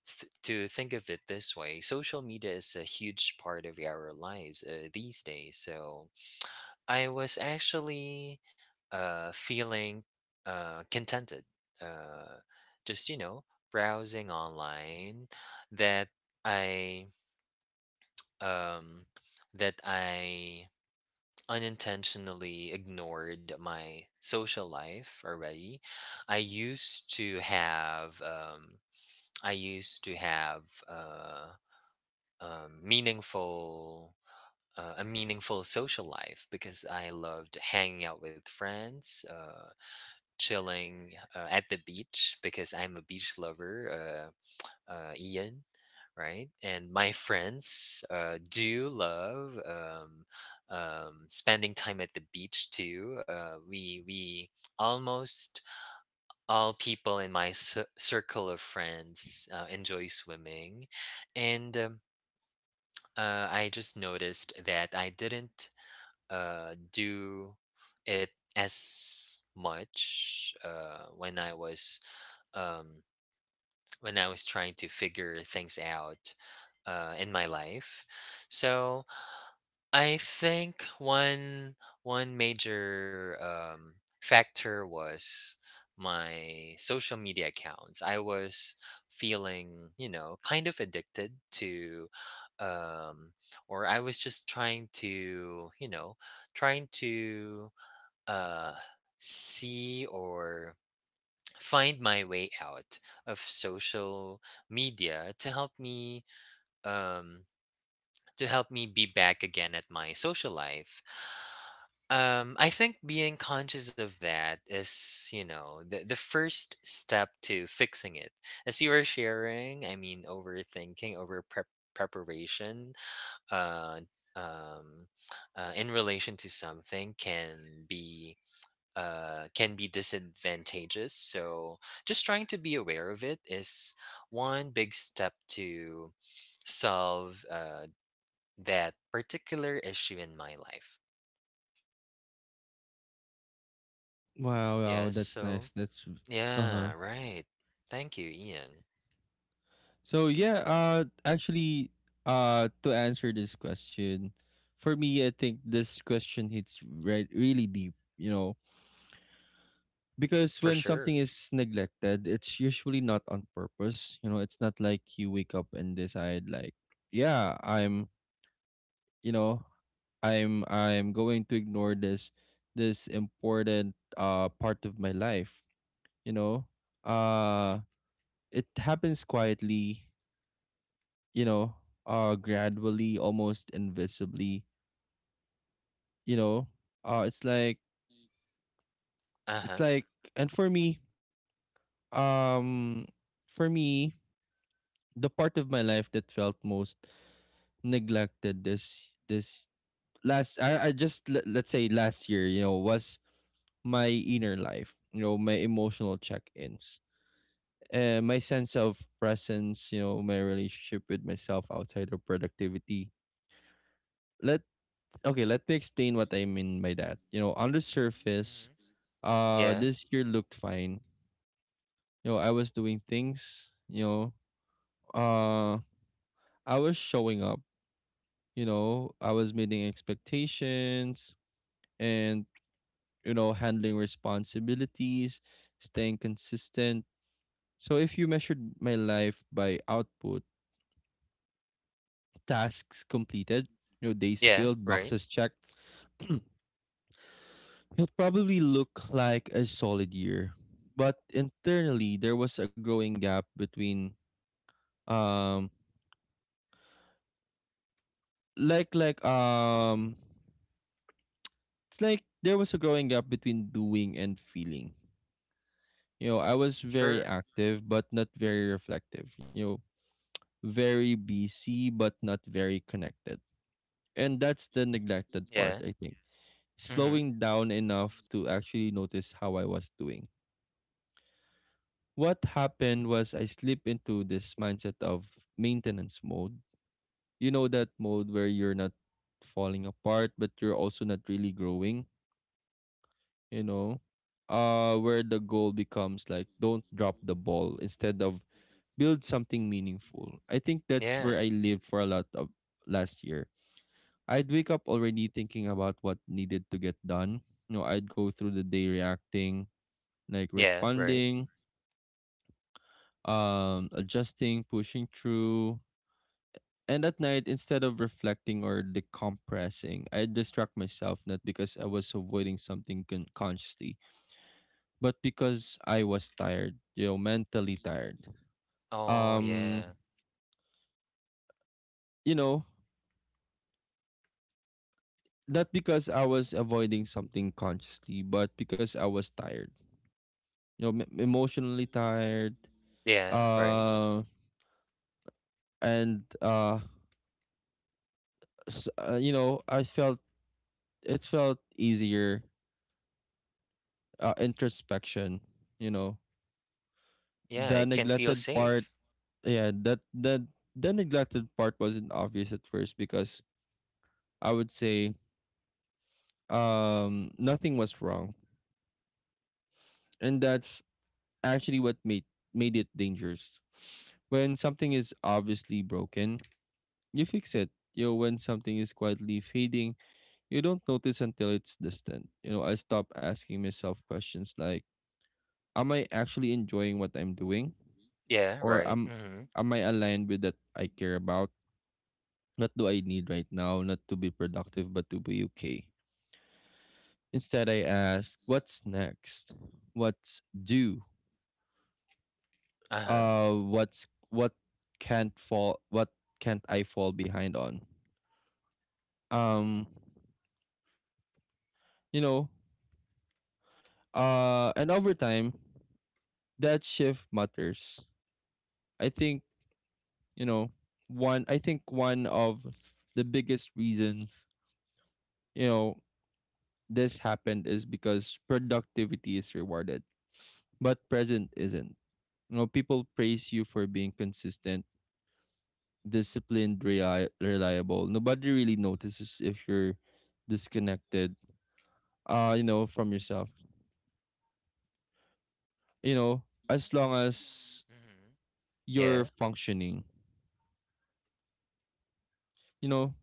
[SPEAKER 2] to think of it this way, social media is a huge part of our lives these days. So I was actually feeling contented, uh, just browsing online that I um, that I unintentionally ignored my social life already. I used to have I used to have uh, meaningful a meaningful social life because I loved hanging out with friends, chilling at the beach because I'm a beach lover, Ian, right? And my friends do love spending time at the beach too. We almost all people in my circle of friends enjoy swimming, and I just noticed that I didn't do it as much when I was. Um, when I was trying to figure things out in my life. So I think one major factor was my social media accounts. I was feeling, kind of addicted to, um, or I was just trying to uh, see or find my way out of social media to um help me be back again at my social life. I think being conscious of that is, the first step to fixing it. As you were sharing, I mean, overthinking, over preparation uh um in relation to something can be be disadvantageous. So just trying to be aware of it is one big step to solve that particular issue in my life.
[SPEAKER 1] Wow, wow,
[SPEAKER 2] Yes.
[SPEAKER 1] that's nice.
[SPEAKER 2] So,
[SPEAKER 1] That's uh huh.
[SPEAKER 2] yeah. Right. Thank you, Ian.
[SPEAKER 1] So yeah, actually, to answer this question, for me, I think this question hits right really deep. You know, because
[SPEAKER 2] For
[SPEAKER 1] when
[SPEAKER 2] sure.
[SPEAKER 1] something is neglected, it's usually not on purpose. You know, it's not like you wake up and decide like, yeah, you know, I'm going to ignore this important part of my life, you know. Uh it happens quietly, you know, gradually, almost invisibly, you know. Uh it's like
[SPEAKER 2] Uh
[SPEAKER 1] it's
[SPEAKER 2] huh.
[SPEAKER 1] like and for me, um for me the part of my life that felt most neglected this this last I just let, let's say last year, you know, was my inner life, you know, my emotional check-ins, my sense of presence, you know, my relationship with myself outside of productivity. Let okay let me explain what I mean by that. You know, on the surface,
[SPEAKER 2] Hmm. Yeah.
[SPEAKER 1] this year looked fine. You know, I was doing things uh I was showing up, you know, I was meeting expectations and, you know, handling responsibilities, staying consistent. So if you measured my life by output, tasks completed, you know, days
[SPEAKER 2] Yeah.
[SPEAKER 1] filled,
[SPEAKER 2] Right.
[SPEAKER 1] boxes checked, it probably looked like a solid year. But internally there was a growing gap between um like like um it's like there was a growing gap between doing and feeling. You know, I was very
[SPEAKER 2] Sure.
[SPEAKER 1] active but not very reflective. You know, very busy but not very connected. And that's the neglected part,
[SPEAKER 2] Yeah.
[SPEAKER 1] I think.
[SPEAKER 2] Mm-hmm.
[SPEAKER 1] Slowing down enough to actually notice how I was doing. What happened was I slip into this mindset of maintenance mode. You know that mode where you're not falling apart but you're also not really growing, you know? Where the goal becomes like don't drop the ball instead of build something meaningful. I think that's
[SPEAKER 2] Yeah.
[SPEAKER 1] where I lived for a lot of last year. I'd wake up already thinking about what needed to get done. You know, I'd go through the day reacting, like
[SPEAKER 2] Yeah. Right.
[SPEAKER 1] responding, adjusting, pushing through. And at night, instead of reflecting or decompressing, I'd distract myself, not because I was avoiding something consciously, but because I was tired, you know, mentally tired.
[SPEAKER 2] Oh,
[SPEAKER 1] Um,
[SPEAKER 2] yeah.
[SPEAKER 1] you know not because I was avoiding something consciously, but because I was tired. You know, emotionally tired.
[SPEAKER 2] Yeah. Right.
[SPEAKER 1] Uh, and uh, you know, I felt it felt easier. Introspection. You know,
[SPEAKER 2] Yeah.
[SPEAKER 1] the
[SPEAKER 2] It can feel
[SPEAKER 1] neglected part.
[SPEAKER 2] safe.
[SPEAKER 1] Yeah, that that the neglected part wasn't obvious at first because I would say nothing was wrong, and that's actually what made it dangerous. When something is obviously broken, you fix it. You know, when something is quietly fading, you don't notice until it's distant. You know, I stop asking myself questions like, am I actually enjoying what I'm doing?
[SPEAKER 2] Yeah.
[SPEAKER 1] Or
[SPEAKER 2] Right.
[SPEAKER 1] am
[SPEAKER 2] Mm-hmm.
[SPEAKER 1] am I aligned with that I care about? What do I need right now? Not to be productive, but to be okay. Instead, I ask, what's next? What's due?
[SPEAKER 2] Uh huh.
[SPEAKER 1] What's what can't fall? What can't I fall behind on? Um, you know, and over time, that shift matters. I think, you know, I think one of the biggest reasons, you know, this happened is because productivity is rewarded, but present isn't. You know, people praise you for being consistent, disciplined, reliable. Nobody really notices if you're disconnected, you know, from yourself. You know, as long as
[SPEAKER 2] Hmm.
[SPEAKER 1] you're
[SPEAKER 2] Yeah.
[SPEAKER 1] functioning, you know,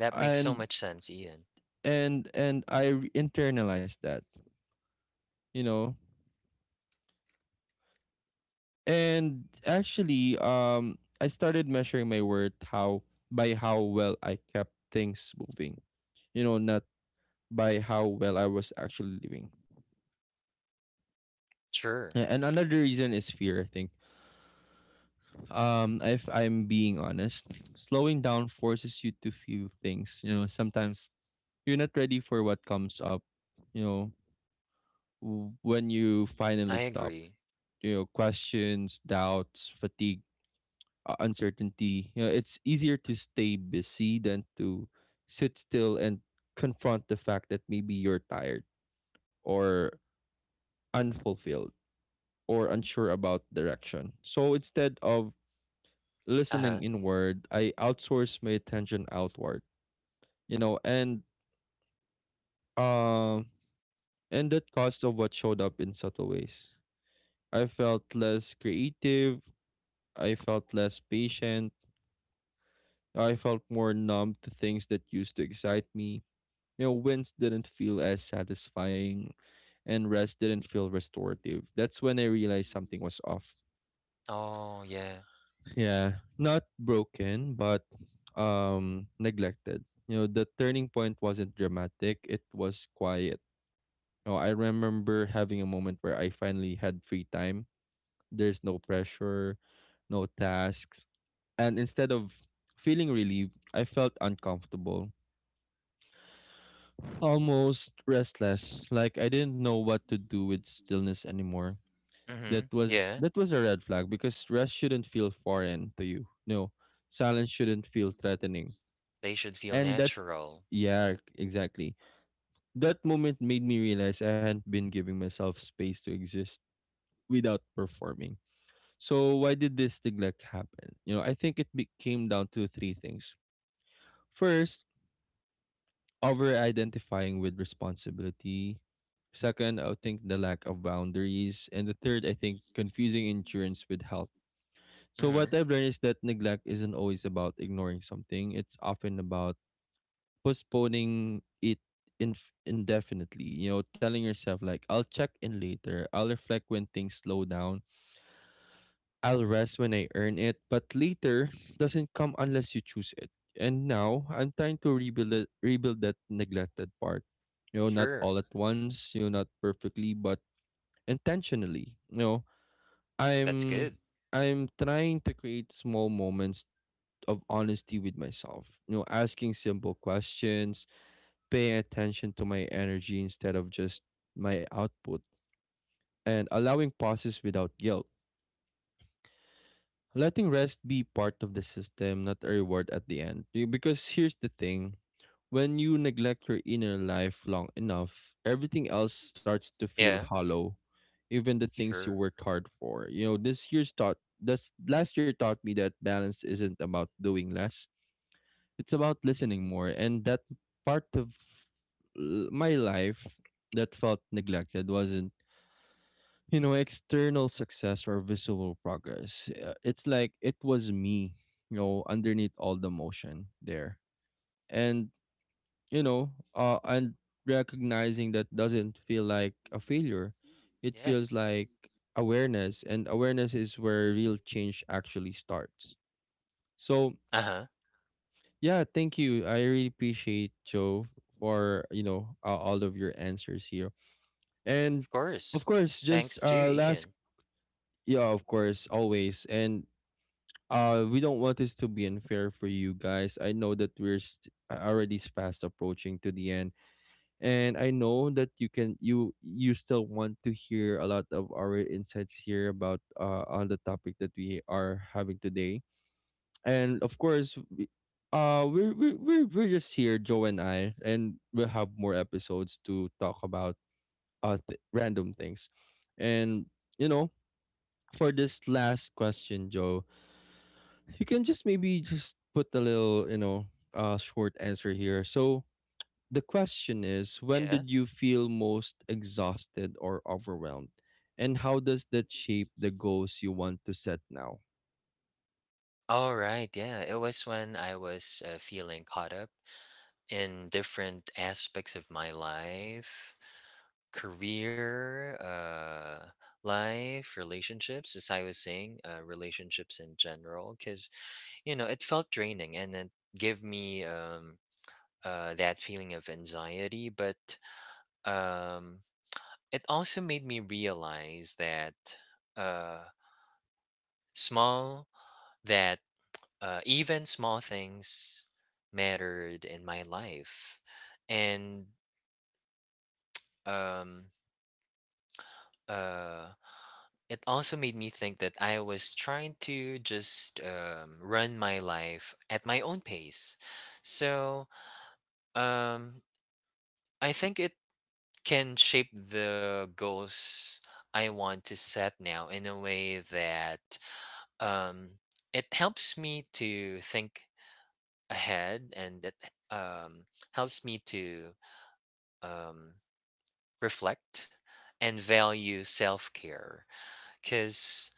[SPEAKER 2] That makes so
[SPEAKER 1] and
[SPEAKER 2] much sense, Ian.
[SPEAKER 1] and I internalized that, you know. And actually, I started measuring my worth how by how well I kept things moving, you know, not by how well I was actually living.
[SPEAKER 2] Sure,
[SPEAKER 1] And another reason is fear, I think. If I'm being honest, slowing down forces you to feel things. You know, sometimes you're not ready for what comes up. You know, when you finally
[SPEAKER 2] I
[SPEAKER 1] stop,
[SPEAKER 2] agree.
[SPEAKER 1] you know, questions, doubts, fatigue, uncertainty. You know, it's easier to stay busy than to sit still and confront the fact that maybe you're tired or unfulfilled or unsure about direction. So instead of listening
[SPEAKER 2] Uh-huh.
[SPEAKER 1] inward, I outsource my attention outward. You know, and um and that cost of what showed up in subtle ways. I felt less creative, I felt less patient, I felt more numb to things that used to excite me. You know, wins didn't feel as satisfying and rest didn't feel restorative. That's when I realized something was off.
[SPEAKER 2] Oh, yeah.
[SPEAKER 1] Yeah, not broken, but neglected. You know, the turning point wasn't dramatic, it was quiet. You know, I remember having a moment where I finally had free time. There's no pressure, no tasks, and instead of feeling relieved, I felt uncomfortable. Almost restless, like I didn't know what to do with stillness anymore. That
[SPEAKER 2] Mhm.
[SPEAKER 1] was
[SPEAKER 2] Yeah,
[SPEAKER 1] that was a red flag because rest shouldn't feel foreign to you. No, silence shouldn't feel threatening.
[SPEAKER 2] they should feel
[SPEAKER 1] And that
[SPEAKER 2] natural.
[SPEAKER 1] yeah, exactly. That moment made me realize I hadn't been giving myself space to exist without performing. So why did this neglect happen? You know, I think it became down to three things. First, over identifying with responsibility. Second, I would think the lack of boundaries. And the third, I think confusing insurance with health. So, what
[SPEAKER 2] Mhm.
[SPEAKER 1] I've learned is that neglect isn't always about ignoring something, it's often about postponing it indefinitely. You know, telling yourself, like, I'll check in later, I'll reflect when things slow down, I'll rest when I earn it, but later doesn't come unless you choose it. And now I'm trying to rebuild it, rebuild that neglected part. You know, not
[SPEAKER 2] Sure,
[SPEAKER 1] all at once, you know, not perfectly, but intentionally. You know,
[SPEAKER 2] that's
[SPEAKER 1] I'm
[SPEAKER 2] good.
[SPEAKER 1] I'm trying to create small moments of honesty with myself. You know, asking simple questions, paying attention to my energy instead of just my output, and allowing pauses without guilt, letting rest be part of the system, not a reward at the end. Because here's the thing, when you neglect your inner life long enough, everything else starts to feel
[SPEAKER 2] Yeah,
[SPEAKER 1] hollow, even the things you
[SPEAKER 2] sure.
[SPEAKER 1] worked hard for. You know, this year's taught that's last year taught me that balance isn't about doing less. It's about listening more. And that part of my life that felt neglected wasn't, you know, external success or visible progress, it's like it was me, you know, underneath all the motion there. And you know uh and recognizing that doesn't feel like a failure, it feels
[SPEAKER 2] Yes.
[SPEAKER 1] like awareness, and awareness is where real change actually starts. So
[SPEAKER 2] Uh-huh.
[SPEAKER 1] yeah, thank you, I really appreciate Joe for, you know, all of your answers here.
[SPEAKER 2] Of
[SPEAKER 1] And
[SPEAKER 2] course.
[SPEAKER 1] of course,
[SPEAKER 2] Thanks
[SPEAKER 1] just
[SPEAKER 2] to
[SPEAKER 1] last,
[SPEAKER 2] Ian.
[SPEAKER 1] yeah, of course, always. And we don't want this to be unfair for you guys. I know that we're already fast approaching to the end, and I know that you can you you still want to hear a lot of our insights here about on the topic that we are having today. And of course, we, we're just here, Joe and I, and we'll have more episodes to talk about random things, and you know, for this last question, Joe, you can just maybe just put a little, you know, short answer here. So the question is, when
[SPEAKER 2] Yeah.
[SPEAKER 1] did you feel most exhausted or overwhelmed, and how does that shape the goals you want to set now?
[SPEAKER 2] All right. Yeah, it was when I was feeling caught up in different aspects of my life: career, life, relationships, as I was saying, relationships in general, because, it felt draining and it gave me that feeling of anxiety. But um, it also made me realize uh, small, that even small things mattered in my life. And, um, uh, it also made me think that I was trying to just run my life at my own pace. So um, I think it can shape the goals I want to set now in a way that um, it helps me to think ahead and it um, helps me to um, reflect and value self care. Because,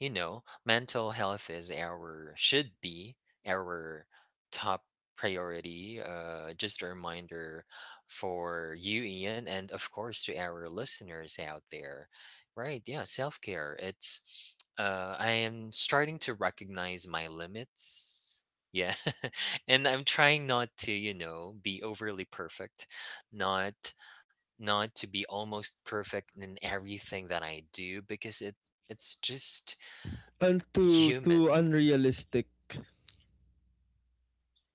[SPEAKER 2] mental health is our should be our top priority. Just a reminder for you, Ian, and of course to our listeners out there. Right? Yeah, self care. It's I am starting to recognize my limits. Yeah, and I'm trying not to, be overly perfect, not not to be almost perfect in everything that I do because it's just
[SPEAKER 1] And too
[SPEAKER 2] human.
[SPEAKER 1] unrealistic.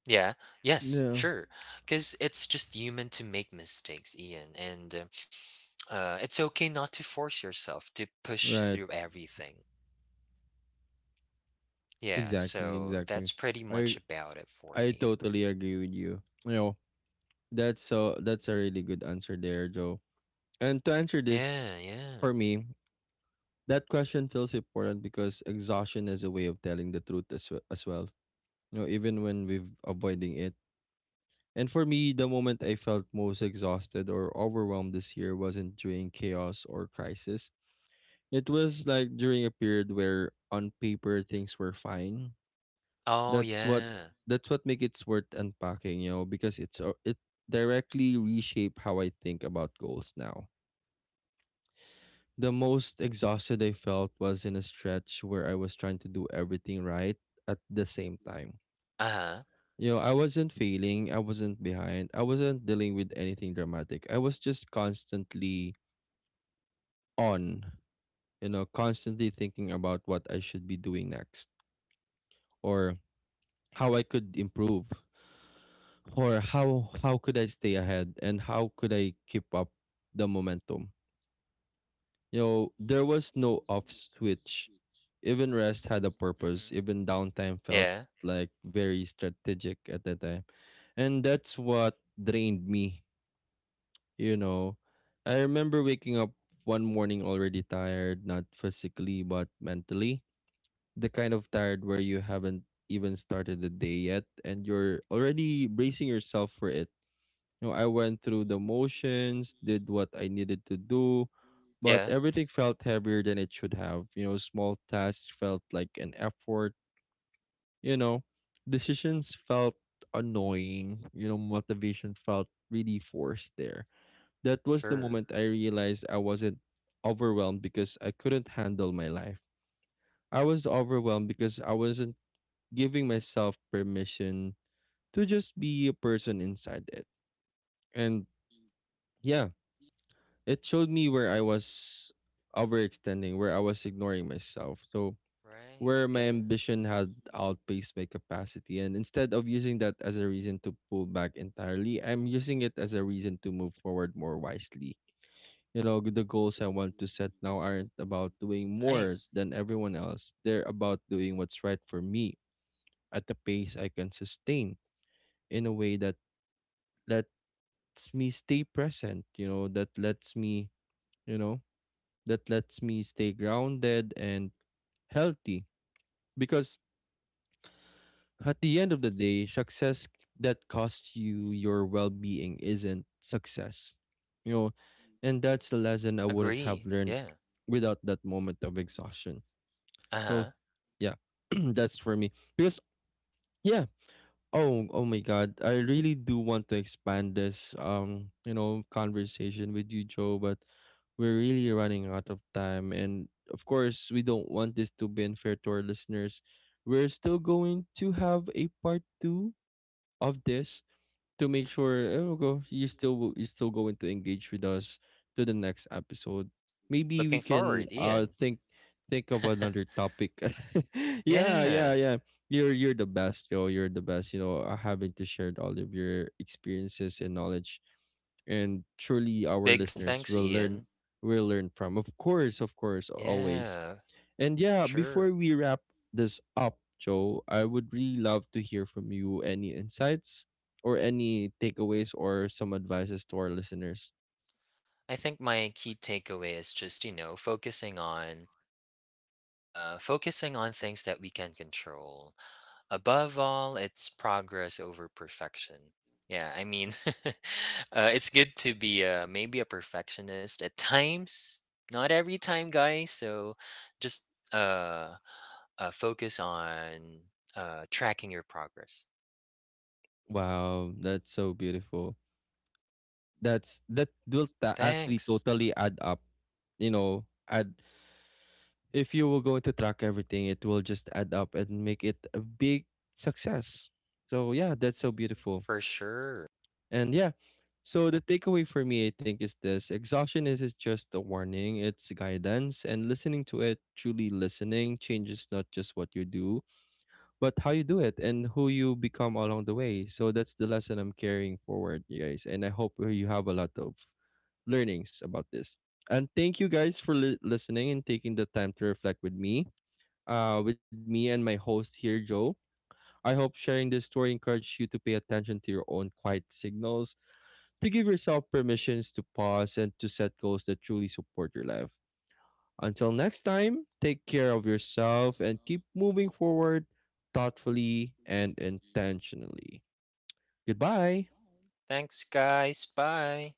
[SPEAKER 2] Yeah. Yes,
[SPEAKER 1] No,
[SPEAKER 2] sure. Because it's just human to make mistakes, Ian. And it's okay not to force yourself to push
[SPEAKER 1] right,
[SPEAKER 2] through everything. Yeah.
[SPEAKER 1] exactly,
[SPEAKER 2] So
[SPEAKER 1] exactly.
[SPEAKER 2] that's pretty
[SPEAKER 1] i
[SPEAKER 2] much about it for
[SPEAKER 1] i
[SPEAKER 2] me.
[SPEAKER 1] totally agree with you, you know. That's a really good answer there, Joe. And to answer this
[SPEAKER 2] Yeah. Yeah.
[SPEAKER 1] for me, that question feels important because exhaustion is a way of telling the truth as, as well, you know, even when we're avoiding it. And for me, the moment I felt most exhausted or overwhelmed this year wasn't during chaos or crisis. It was like during a period where on paper things were fine.
[SPEAKER 2] Oh,
[SPEAKER 1] That's what
[SPEAKER 2] yeah.
[SPEAKER 1] that's what make it worth unpacking, you know, because it directly reshape how I think about goals now. The most exhausted I felt was in a stretch where I was trying to do everything right at the same time.
[SPEAKER 2] Uh huh.
[SPEAKER 1] You know, I wasn't failing, I wasn't behind, I wasn't dealing with anything dramatic. I was just constantly on, you know, constantly thinking about what I should be doing next or how I could improve or how could I stay ahead and how could I keep up the momentum. You know, there was no off switch. Even rest had a purpose.
[SPEAKER 2] Mhm.
[SPEAKER 1] Even downtime felt
[SPEAKER 2] Yeah.
[SPEAKER 1] like very strategic at that time. And that's what drained me, you know. I remember waking up one morning already tired, not physically, but mentally. The kind of tired where you haven't even started the day yet and you're already bracing yourself for it. You know, I went through the motions, did what I needed to do, but
[SPEAKER 2] Yeah.
[SPEAKER 1] everything felt heavier than it should have. You know, small tasks felt like an effort. You know, decisions felt annoying. You know, motivation felt really forced there. That was the
[SPEAKER 2] Sure.
[SPEAKER 1] moment I realized I wasn't overwhelmed because I couldn't handle my life. I was overwhelmed because I wasn't giving myself permission to just be a person inside it. And yeah, it showed me where I was overextending, where I was ignoring myself. So
[SPEAKER 2] Right.
[SPEAKER 1] where my
[SPEAKER 2] Yeah.
[SPEAKER 1] ambition had outpaced my capacity. And instead of using that as a reason to pull back entirely, I'm using it as a reason to move forward more wisely. You know, the goals I want to set now aren't about doing more
[SPEAKER 2] Nice.
[SPEAKER 1] than everyone else. They're about doing what's right for me at the pace I can sustain in a way that lets me stay present, you know, that lets me, you know, that lets me stay grounded and healthy. Because at the end of the day, success that costs you your well being isn't success. You know, and that's the lesson I wouldn't
[SPEAKER 2] Agree.
[SPEAKER 1] have learned
[SPEAKER 2] Yeah.
[SPEAKER 1] without that moment of exhaustion.
[SPEAKER 2] Uh huh.
[SPEAKER 1] So, yeah, that's for me. Because, yeah, oh, oh my God. I really do want to expand this you know, conversation with you, Joe, but we're really running out of time and of course, we don't want this to be unfair to our listeners. We're still going to have a part 2 of this to make sure oh go you still you still going to engage with us to the next episode. Maybe we
[SPEAKER 2] Looking
[SPEAKER 1] can
[SPEAKER 2] forward, Ian.
[SPEAKER 1] think of another topic. Yeah,
[SPEAKER 2] Yeah.
[SPEAKER 1] yeah, yeah. You're the best, Joe. You're the best. You know, having to share all of your experiences and knowledge, and truly our
[SPEAKER 2] Big
[SPEAKER 1] listeners
[SPEAKER 2] thanks, Ian.
[SPEAKER 1] will learn from. Of course, always.
[SPEAKER 2] Yeah.
[SPEAKER 1] And yeah, before
[SPEAKER 2] Sure.
[SPEAKER 1] we wrap this up, Joe, I would really love to hear from you any insights or any takeaways or some advices to our listeners.
[SPEAKER 2] I think my key takeaway is just, focusing on things that we can control. Above all, it's progress over perfection. Yeah, I mean, it's good to be maybe a perfectionist at times, not every time, guys. So just focus on tracking your progress.
[SPEAKER 1] Wow, that's so beautiful. That's actually
[SPEAKER 2] Thanks,
[SPEAKER 1] totally add up. You know, add if you will going to track everything, it will just add up and make it a big success. So yeah, that's so beautiful.
[SPEAKER 2] for sure.
[SPEAKER 1] And yeah, so the takeaway for me, I think, is this exhaustion isn't just a warning, it's guidance. And listening to it, truly listening, changes not just what you do, but how you do it and who you become along the way. So that's the lesson I'm carrying forward, you guys. And I hope you have a lot of learnings about this. And thank you guys for listening and taking the time to reflect with me and my host here, Joe. I hope sharing this story encouraged you to pay attention to your own quiet signals to give yourself permissions to pause and to set goals that truly support your life. Until next time, take care of yourself and keep moving forward thoughtfully and intentionally. Goodbye.
[SPEAKER 2] Thanks, guys. Bye.